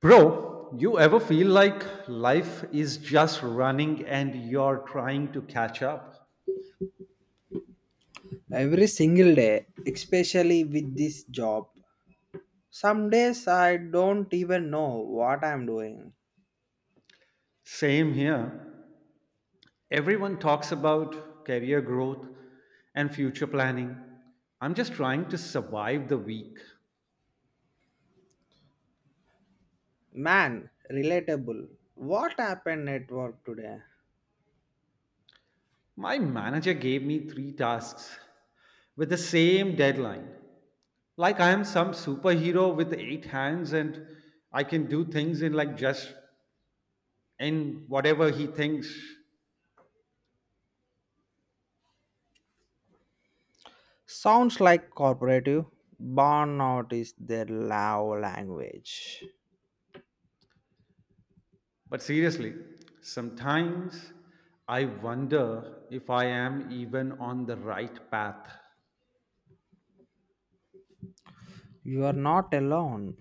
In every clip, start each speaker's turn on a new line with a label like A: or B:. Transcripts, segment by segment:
A: Bro, you ever feel like life is just running and you're trying to catch up?
B: Every single day, especially with this job. Some days I don't even know what I'm doing.
A: Same here. Everyone talks about career growth and future planning. I'm just trying to survive the week.
B: Man, relatable. What happened at work today?
A: My manager gave me three tasks with the same deadline. Like I am some superhero with eight hands and I can do things in like just in whatever he thinks.
B: Sounds like corporative. Burnout is their love language.
A: But seriously, sometimes I wonder if I am even on the right path.
B: You are not alone.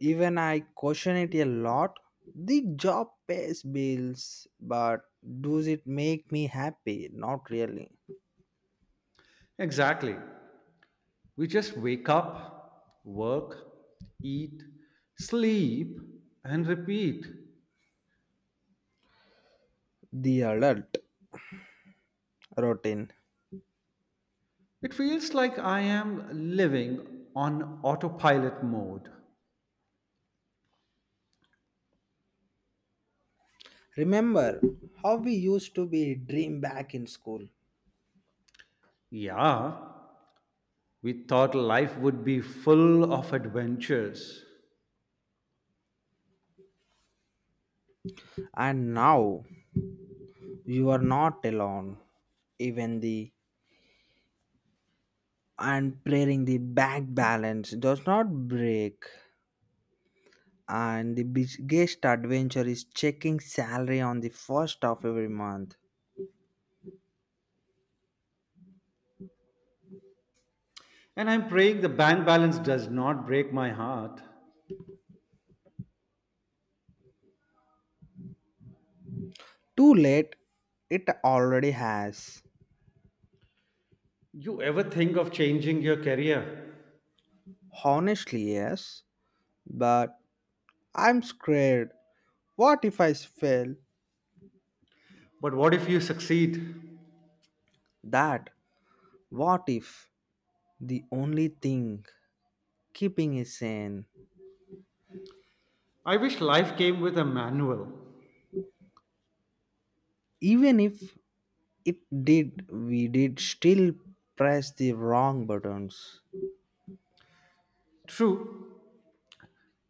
B: Even I question it a lot. The job pays bills, but does it make me happy? Not really.
A: Exactly. We just wake up, work, eat, sleep, and repeat.
B: The adult routine.
A: It feels like I am living on autopilot mode.
B: Remember how we used to be dream back in school.
A: Yeah, we thought life would be full of adventures.
B: And now you are not alone. Even the and praying the back balance does not break. And the biggest adventure is checking salary on the first of every month.
A: And I'm praying the bank balance does not break my heart.
B: Too late, it already has.
A: You ever think of changing your career?
B: Honestly, yes. But I'm scared. What if I fail?
A: But what if you succeed?
B: That what if the only thing keeping it sane
A: I wish life came with a manual.
B: even if it did we did still press the wrong buttons.
A: True,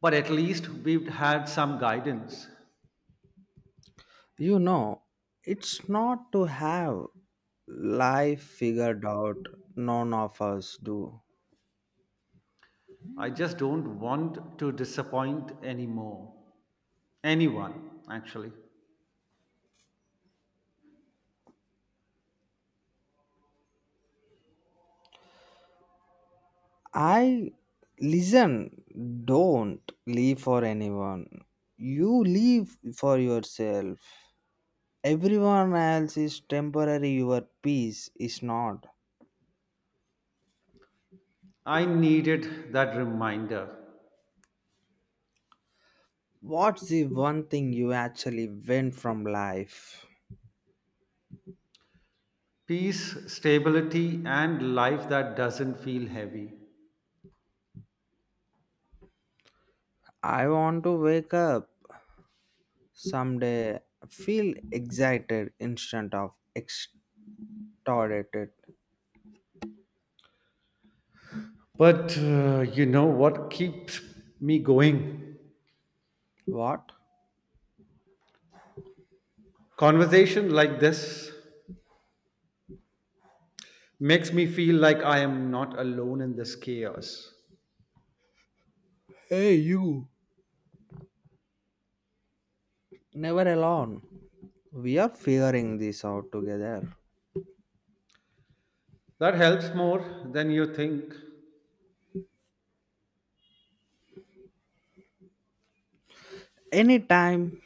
A: but at least we've had some guidance.
B: You know it's not to have life figured out, none of us do.
A: I just don't want to disappoint anymore. Anyone, actually.
B: I listen, don't leave for anyone, you leave for yourself. Everyone else is temporary, your peace is not.
A: I needed that reminder.
B: What's the one thing you actually win from life?
A: Peace, stability, and life that doesn't feel heavy.
B: I want to wake up someday, feel excited instead of extorted.
A: But what keeps me going?
B: What?
A: Conversation like this makes me feel like I am not alone in this chaos.
B: Hey, you! Never alone. We are figuring this out together.
A: That helps more than you think.
B: Anytime,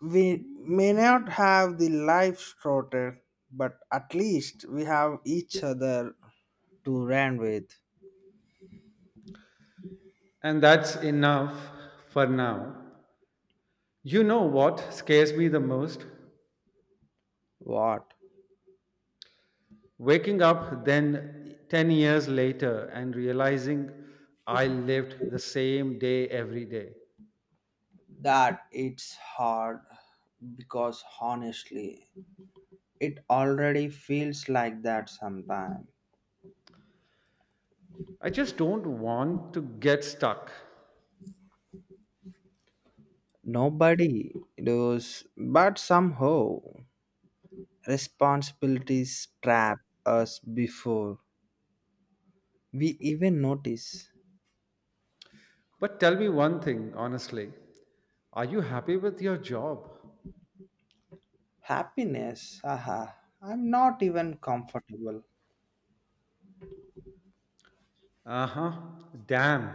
B: we may not have the life sorted, but at least we have each other to run with.
A: And that's enough for now. You know what scares me the most?
B: What?
A: Waking up then 10 years later and realizing I lived the same day every day.
B: That it's hard, because honestly it already feels like that sometimes.
A: I just don't want to get stuck.
B: Nobody does, but somehow responsibilities trap us before we even notice.
A: But tell me one thing, honestly. Are you happy with your job?
B: Happiness, haha, I'm not even comfortable.
A: Uh huh. Damn.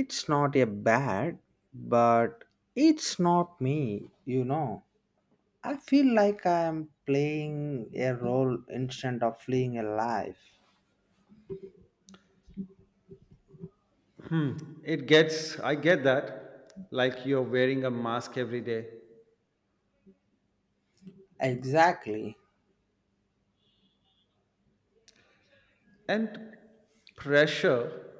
B: It's not a bad, but it's not me, you know. I feel like I am playing a role instead of fleeing a life.
A: Hmm, it gets, I get that, like you're wearing a mask every day.
B: Exactly.
A: And pressure,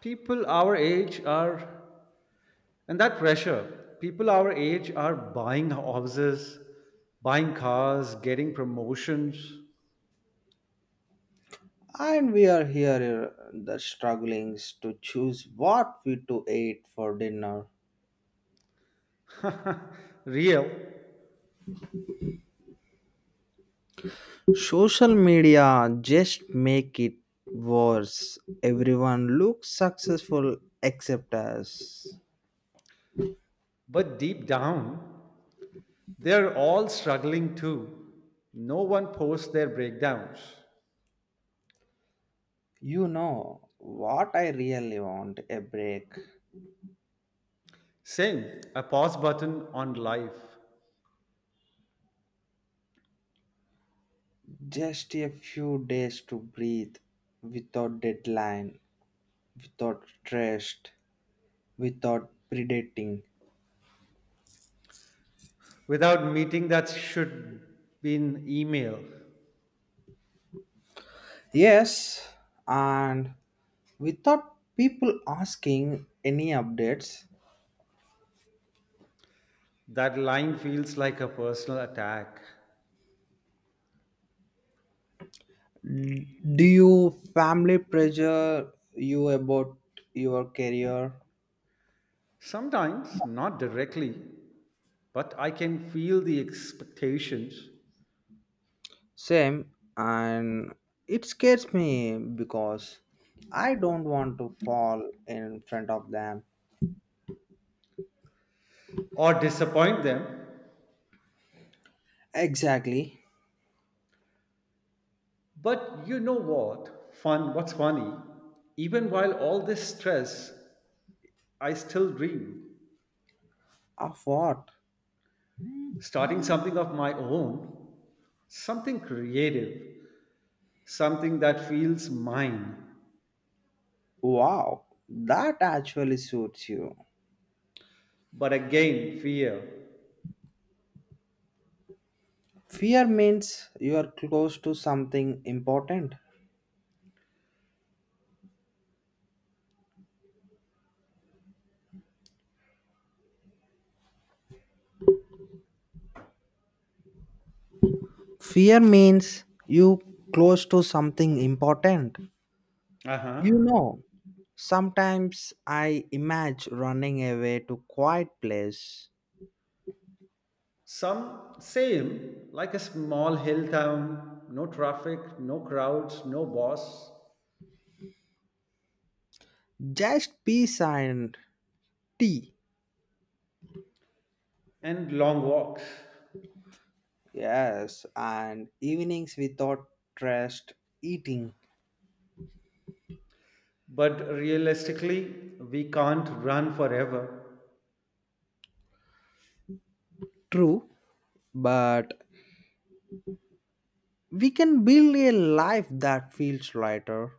A: people our age are, people our age are buying houses, buying cars, getting promotions.
B: And we are here the strugglings to choose what we to eat for dinner.
A: Real,
B: Social media just make it worse. Everyone looks successful except us.
A: but deep down, they're all struggling too. No one posts their breakdowns.
B: You know what, I really want a break.
A: Same, a pause button on life.
B: Just a few days to breathe without deadline, without trust, without predating.
A: Without meeting that should be in email.
B: Yes, and without people asking any updates.
A: That line feels like a personal attack.
B: Do you family pressure you about your career?
A: Sometimes, not directly, but I can feel the expectations
B: Same, and it scares me because I don't want to fall in front of them.
A: or disappoint them.
B: Exactly.
A: But you know what? What's funny? Even while all this stress, I still dream.
B: Of what?
A: Starting something of my own, something creative, something that feels mine.
B: Wow, that actually suits you.
A: But again, fear.
B: Fear means you are close to something important. Fear means you close to something important.
A: Uh
B: You
A: huh.
B: know, sometimes I imagine running away to quiet place,
A: Some Same, like a small hill town, no traffic, no crowds, no boss,
B: just peace and tea.
A: and long walks.
B: Yes, and evenings without stressed eating.
A: But realistically, we can't run forever.
B: True, but we can build a life that feels lighter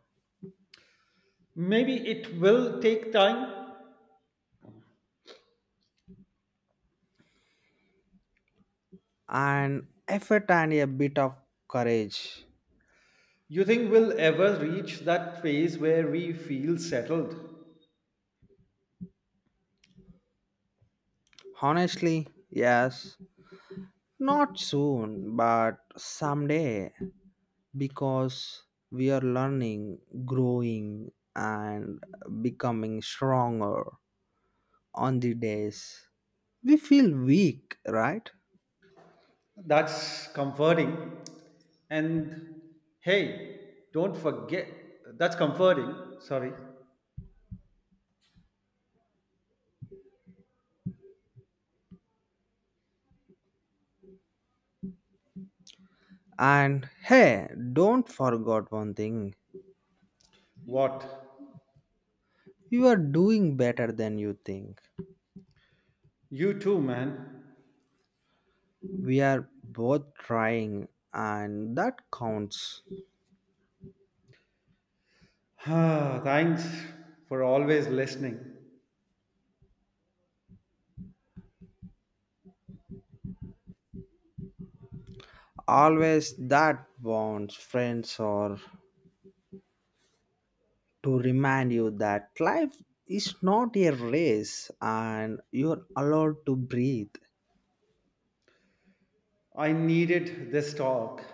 A: Maybe it will take time.
B: and effort and a bit of courage.
A: You think we'll ever reach that phase where we feel settled?
B: Honestly, yes. Not soon, but someday. Because we are learning, growing, and becoming stronger on the days we feel weak, right?
A: That's comforting. And hey, don't forget, that's comforting. Sorry.
B: And hey, don't forget one thing,
A: What?
B: you are doing better than you think.
A: You too, man.
B: We are both trying, and that counts.
A: Thanks for always listening.
B: Always that bonds, friends, or to remind you that life is not a race and you're allowed to breathe.
A: I needed this talk.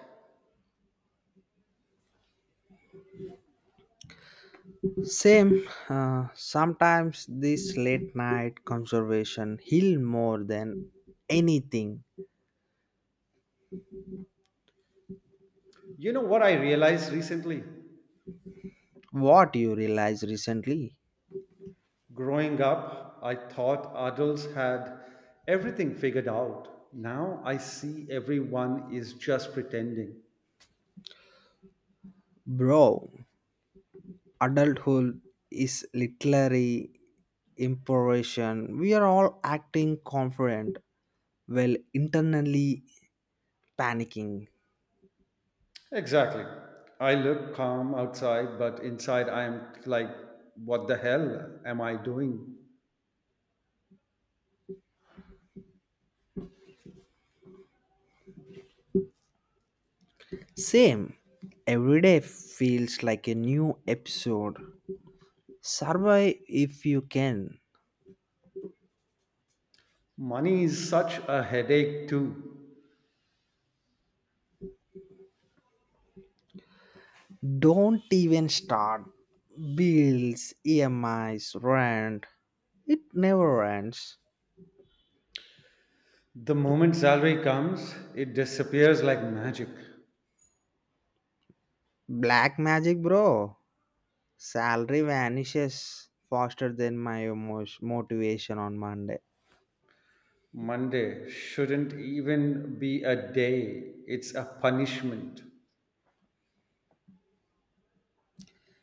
B: Same, sometimes this late night conservation heal more than anything.
A: You know what I realized recently?
B: What you realize recently,
A: Growing up, I thought adults had everything figured out. Now I see everyone is just pretending.
B: bro, adulthood is literally improvisation. We are all acting confident while internally panicking.
A: Exactly. I look calm outside, but inside I am like, what the hell am I doing?
B: Same. Every day feels like a new episode. Survive if you can.
A: Money is such a headache, too.
B: Don't even start. Bills, EMIs, rent. It never ends.
A: The moment salary comes, it disappears like magic.
B: Black magic, bro. Salary vanishes faster than my motivation on Monday.
A: Monday shouldn't even be a day, it's a punishment.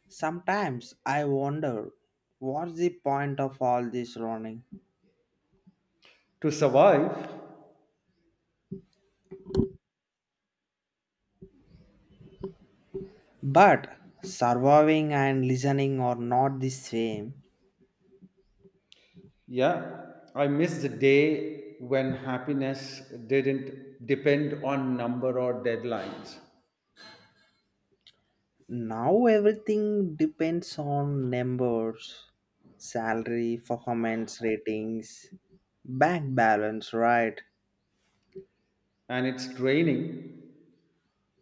B: Sometimes I wonder what's the point of all this running?
A: To survive,
B: But surviving and listening are not the same.
A: yeah, I miss the day when happiness didn't depend on number or deadlines.
B: Now everything depends on numbers, salary, performance ratings, bank balance, right?
A: And it's draining,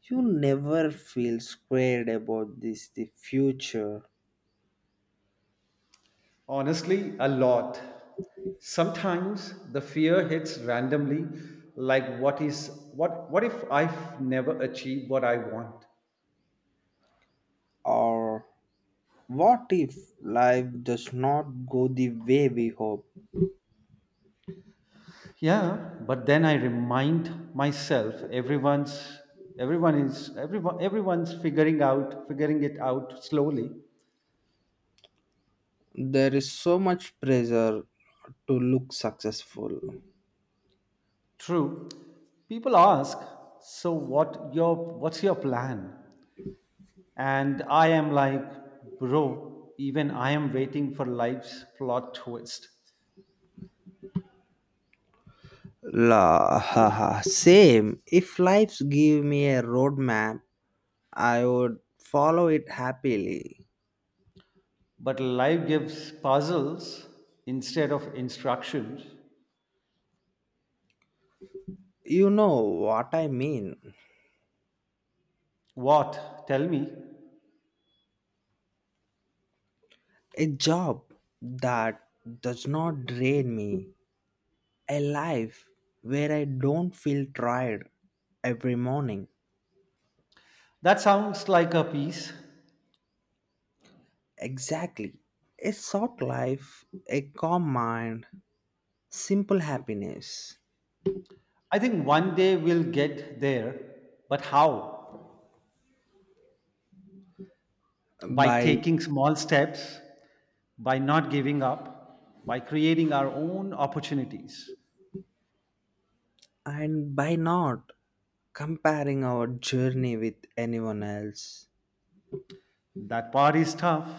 B: You never feel squared about this the future
A: honestly, a lot. Sometimes the fear hits randomly like what is what if I've never achieved what I want?
B: or what if life does not go the way we hope?
A: Yeah, but then I remind myself everyone's everyone is everyone everyone's figuring it out slowly.
B: There is so much pressure to look successful.
A: True. People ask, "So what's your plan?" And I am like, "Bro, even I am waiting for life's plot twist."
B: La, haha, same. If lives give me a roadmap, I would follow it happily.
A: But life gives puzzles instead of instructions.
B: You know what I mean?
A: What? Tell me.
B: A job that does not drain me, a life where I don't feel tired every morning.
A: That sounds like a piece.
B: Exactly. A short life, a calm mind, simple happiness.
A: I think one day we'll get there, but how? By
B: By
A: taking small steps, by not giving up, by creating our own opportunities.
B: and by not comparing our journey with anyone else.
A: That part is tough.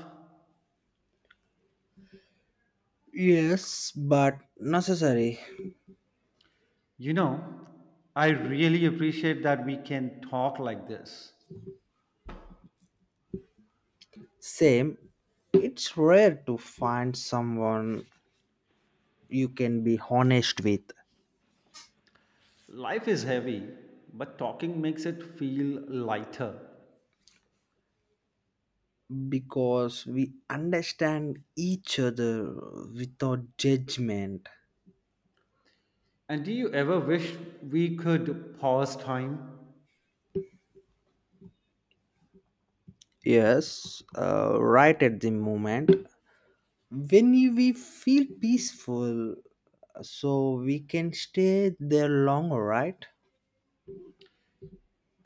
B: Yes, but necessary.
A: You know, I really appreciate that we can talk like this.
B: Same, it's rare to find someone you can be honest with,
A: Life is heavy, but talking makes it feel lighter.
B: because we understand each other without judgment.
A: And do you ever wish we could pause time?
B: Yes, right at the moment. We feel peaceful, so we can stay there longer, right?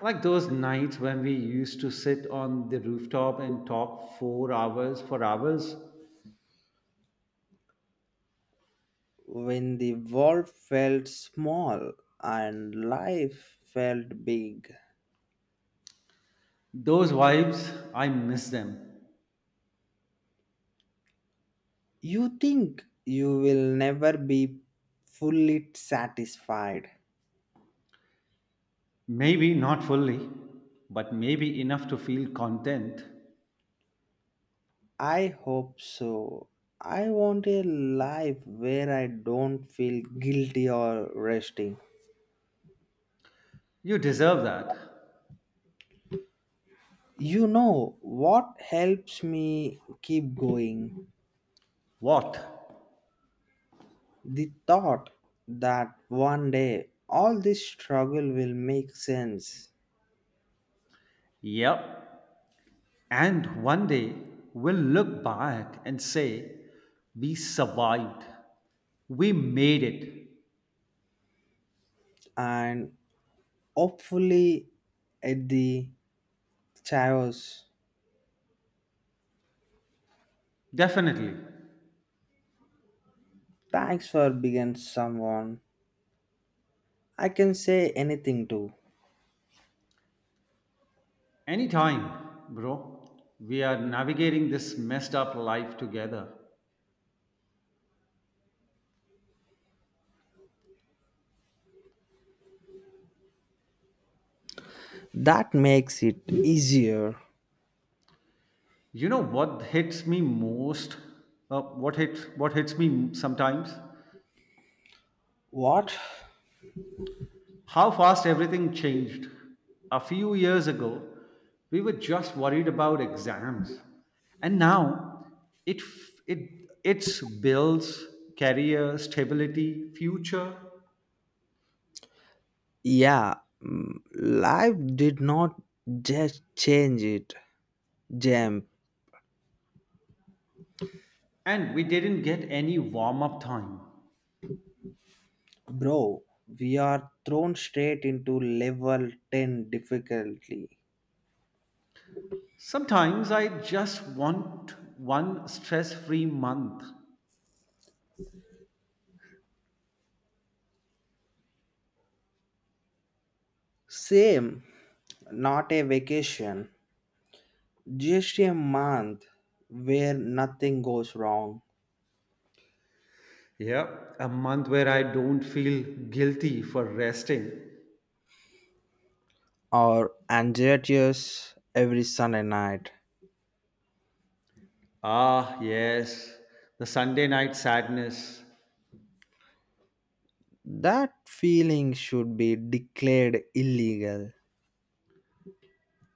A: Like those nights when we used to sit on the rooftop and talk four hours for hours,
B: When the world felt small and life felt big.
A: those vibes, I miss them.
B: You think you will never be fully satisfied.
A: Maybe not fully, but maybe enough to feel content.
B: I hope so. I want a life where I don't feel guilty or resting.
A: You deserve that.
B: You know what helps me keep going?
A: What?
B: The thought that one day all this struggle will make sense
A: Yep. And one day, we'll look back and say, we survived. We made it.
B: and hopefully at the chaos.
A: Definitely.
B: Thanks for being someone I can say anything too.
A: Anytime, bro. We are navigating this messed up life together.
B: That makes it easier.
A: You know what hits me most? What hits me sometimes?
B: What?
A: How fast everything changed. A few years ago, we were just worried about exams, and now it f- it it's bills, career, stability, future,
B: Yeah, mm, life did not just change it, Jam.
A: and we didn't get any warm up time.
B: Bro, we are thrown straight into level 10 difficulty.
A: Sometimes I just want one stress free month.
B: Same, not a vacation, just a month where nothing goes wrong.
A: Yeah, a month where I don't feel guilty for resting.
B: Or anxious every Sunday night.
A: Yes, the Sunday night sadness.
B: That feeling should be declared illegal.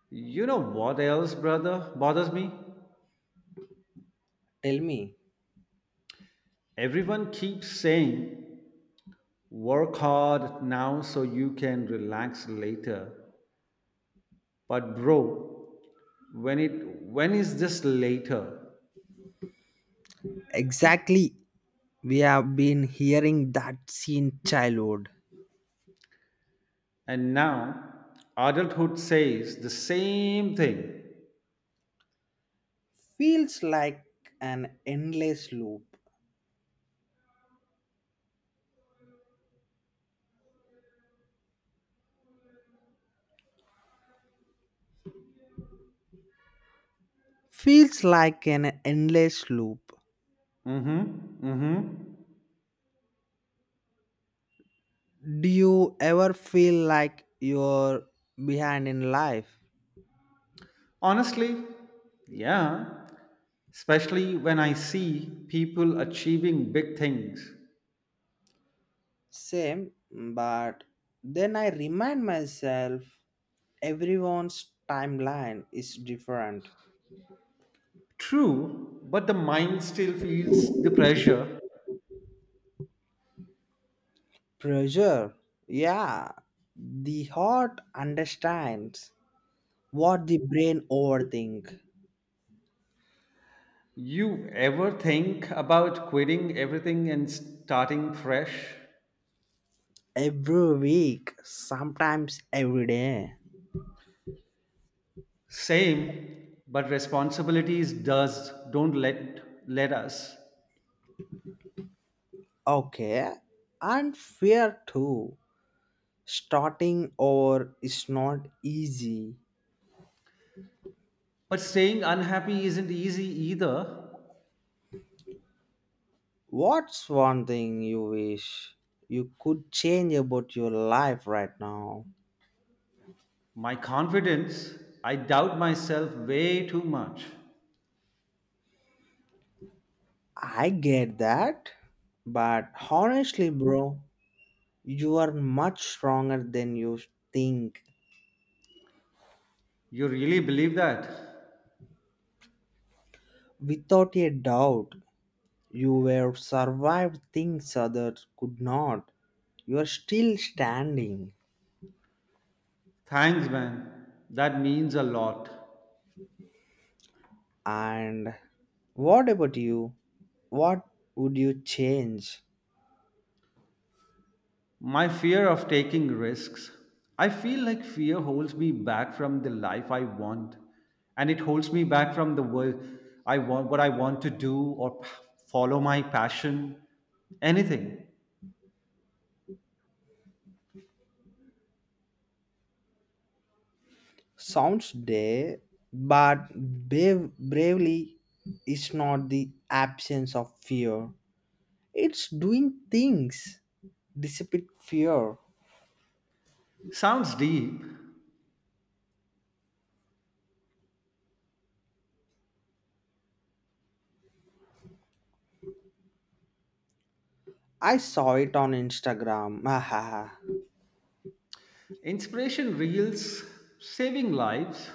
A: You know what else, bothers me?
B: Tell me.
A: Everyone keeps saying, work hard now so you can relax later. But bro, when is this later?
B: Exactly. We have been hearing that since childhood.
A: And now adulthood says the same thing.
B: Feels like an endless loop. Feels like an endless loop.
A: Mm-hmm. Mm-hmm.
B: Do you ever feel like you're behind in life?
A: Honestly, yeah, especially when I see people achieving big things.
B: Same, but then I remind myself everyone's timeline is different.
A: True, but the mind still feels the pressure.
B: Pressure. Yeah. The heart understands what the brain overthink
A: You ever think about quitting everything and starting fresh?
B: every week, sometimes every day.
A: Same, but responsibilities does don't let us.
B: Okay. And fear too. Starting over is not easy.
A: But staying unhappy isn't easy either.
B: What's one thing you wish you could change about your life right now?
A: My confidence, I doubt myself way too much.
B: I get that. But honestly, bro, you are much stronger than you think.
A: You really believe that?
B: Without a doubt, you have survived things others could not. You are still standing.
A: Thanks, man. That means a lot.
B: And what about you? What would you change?
A: My fear of taking risks. I feel like fear holds me back from the life I want, and it holds me back from the world I want, what I want to do, follow my passion, anything.
B: Sounds day, but bravely is not the absence of fear. It's doing things dissipate fear.
A: Sounds deep.
B: I saw it on Instagram. Haha.
A: Inspiration reels, saving lives.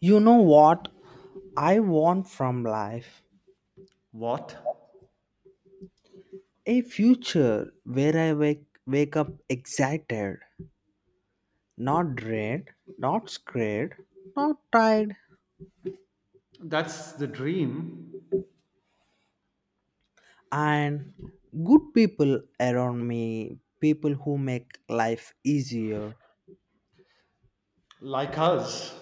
B: You know what I want from life?
A: What?
B: A future where I wake up excited, not drained, not scared, not tired,
A: That's the dream.
B: and good people around me, people who make life easier.
A: Like us.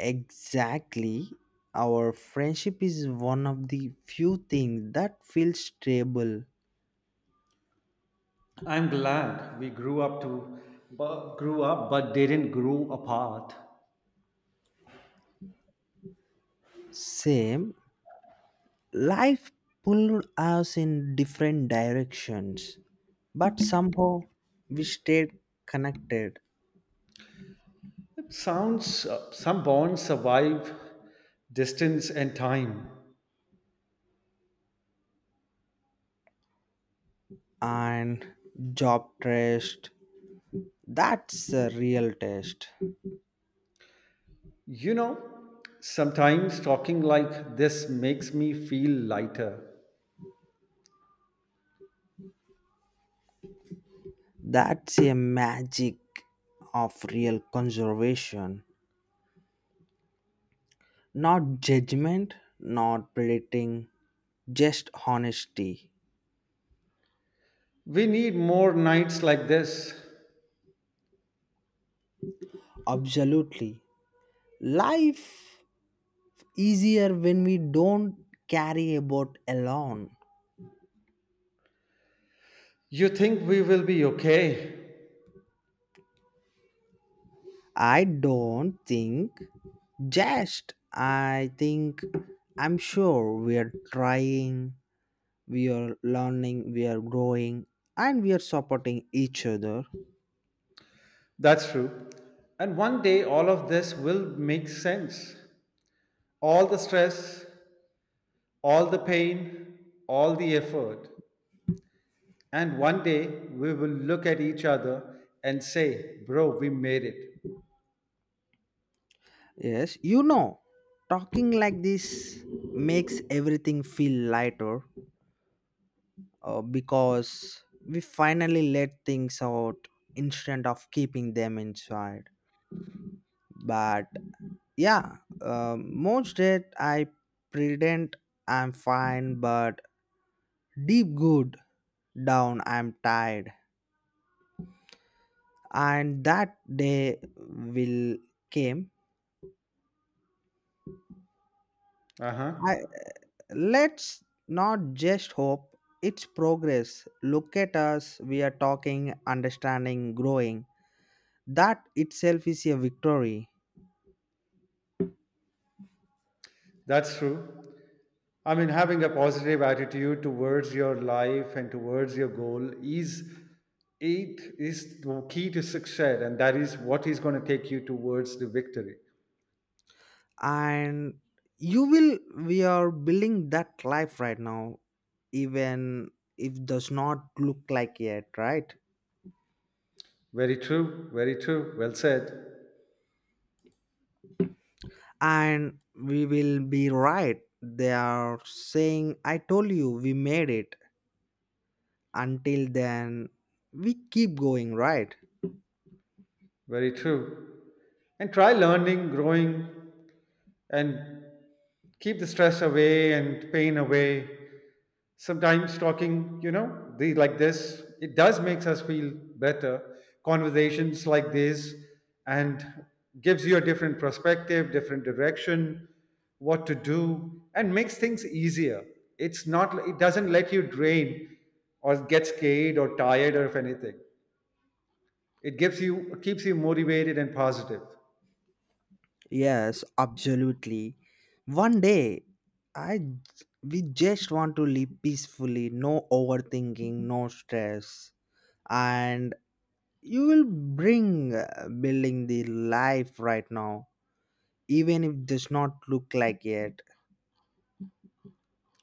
B: Exactly. Our friendship is one of the few things that feels stable,
A: I'm glad we grew up but didn't grow apart.
B: same life pulled us in different directions but somehow we stayed connected
A: It sounds some bonds survive distance and time.
B: and job test that's a real test.
A: You know, sometimes talking like this makes me feel lighter.
B: That's a magic of real conservation, not judgment, not predicting, just honesty.
A: We need more nights like this.
B: Absolutely, life easier when we don't carry about alone.
A: You think we will be okay?
B: I don't think just. I think I'm sure we're trying, we're learning, we're growing, and we're supporting each other.
A: That's true. And one day all of this will make sense. All the stress, all the pain, all the effort. And one day we will look at each other and say, "Bro, we made it."
B: Yes, you know, talking like this makes everything feel lighter, because we finally let things out instead of keeping them inside. But yeah, most days I pretend I'm fine, but deep good down I'm tired, and that day will came.
A: Uh
B: I
A: huh.
B: let's not just hope, it's progress. Look at us, we are talking, understanding, growing. That itself is a victory.
A: That's true. I mean, having a positive attitude towards your life and towards your goal is, it is the key to success, and that is what is going to take you towards the victory.
B: And you will we are building that life right now, even if does not look like it, right.
A: Very true. Very true. Well said.
B: And we will be right, they are saying I told you we made it. Until then we keep going, right?
A: Very true. And try learning, growing, and keep the stress away and pain away. Sometimes talking, you know, like this, it does makes us feel better. Conversations like this and gives you a different perspective, different direction, what to do, and makes things easier. It doesn't let you drain or get scared or tired, or if anything it gives you, keeps you motivated and positive.
B: Yes, absolutely, one day we just want to live peacefully, no overthinking, no stress. And you will bring building the life right now, even if it does not look like it.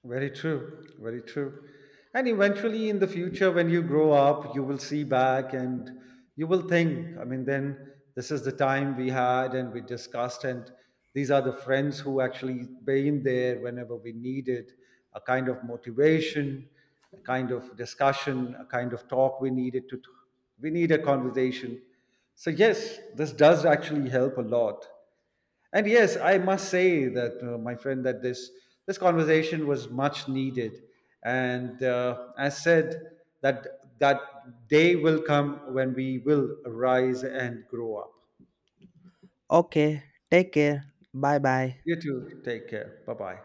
A: Very true, very true. And eventually in the future when you grow up you will see back and you will think, I mean then this is the time we had and we discussed, and these are the friends who actually been there whenever we needed a kind of motivation, a kind of discussion, a kind of talk we needed to, we need a conversation. So yes, this does actually help a lot. And yes, I must say that, my friend, that this conversation was much needed. And as said, that day will come when we will rise and grow up.
B: Okay, take care, bye
A: You
B: bye.
A: too. Take care. Bye bye.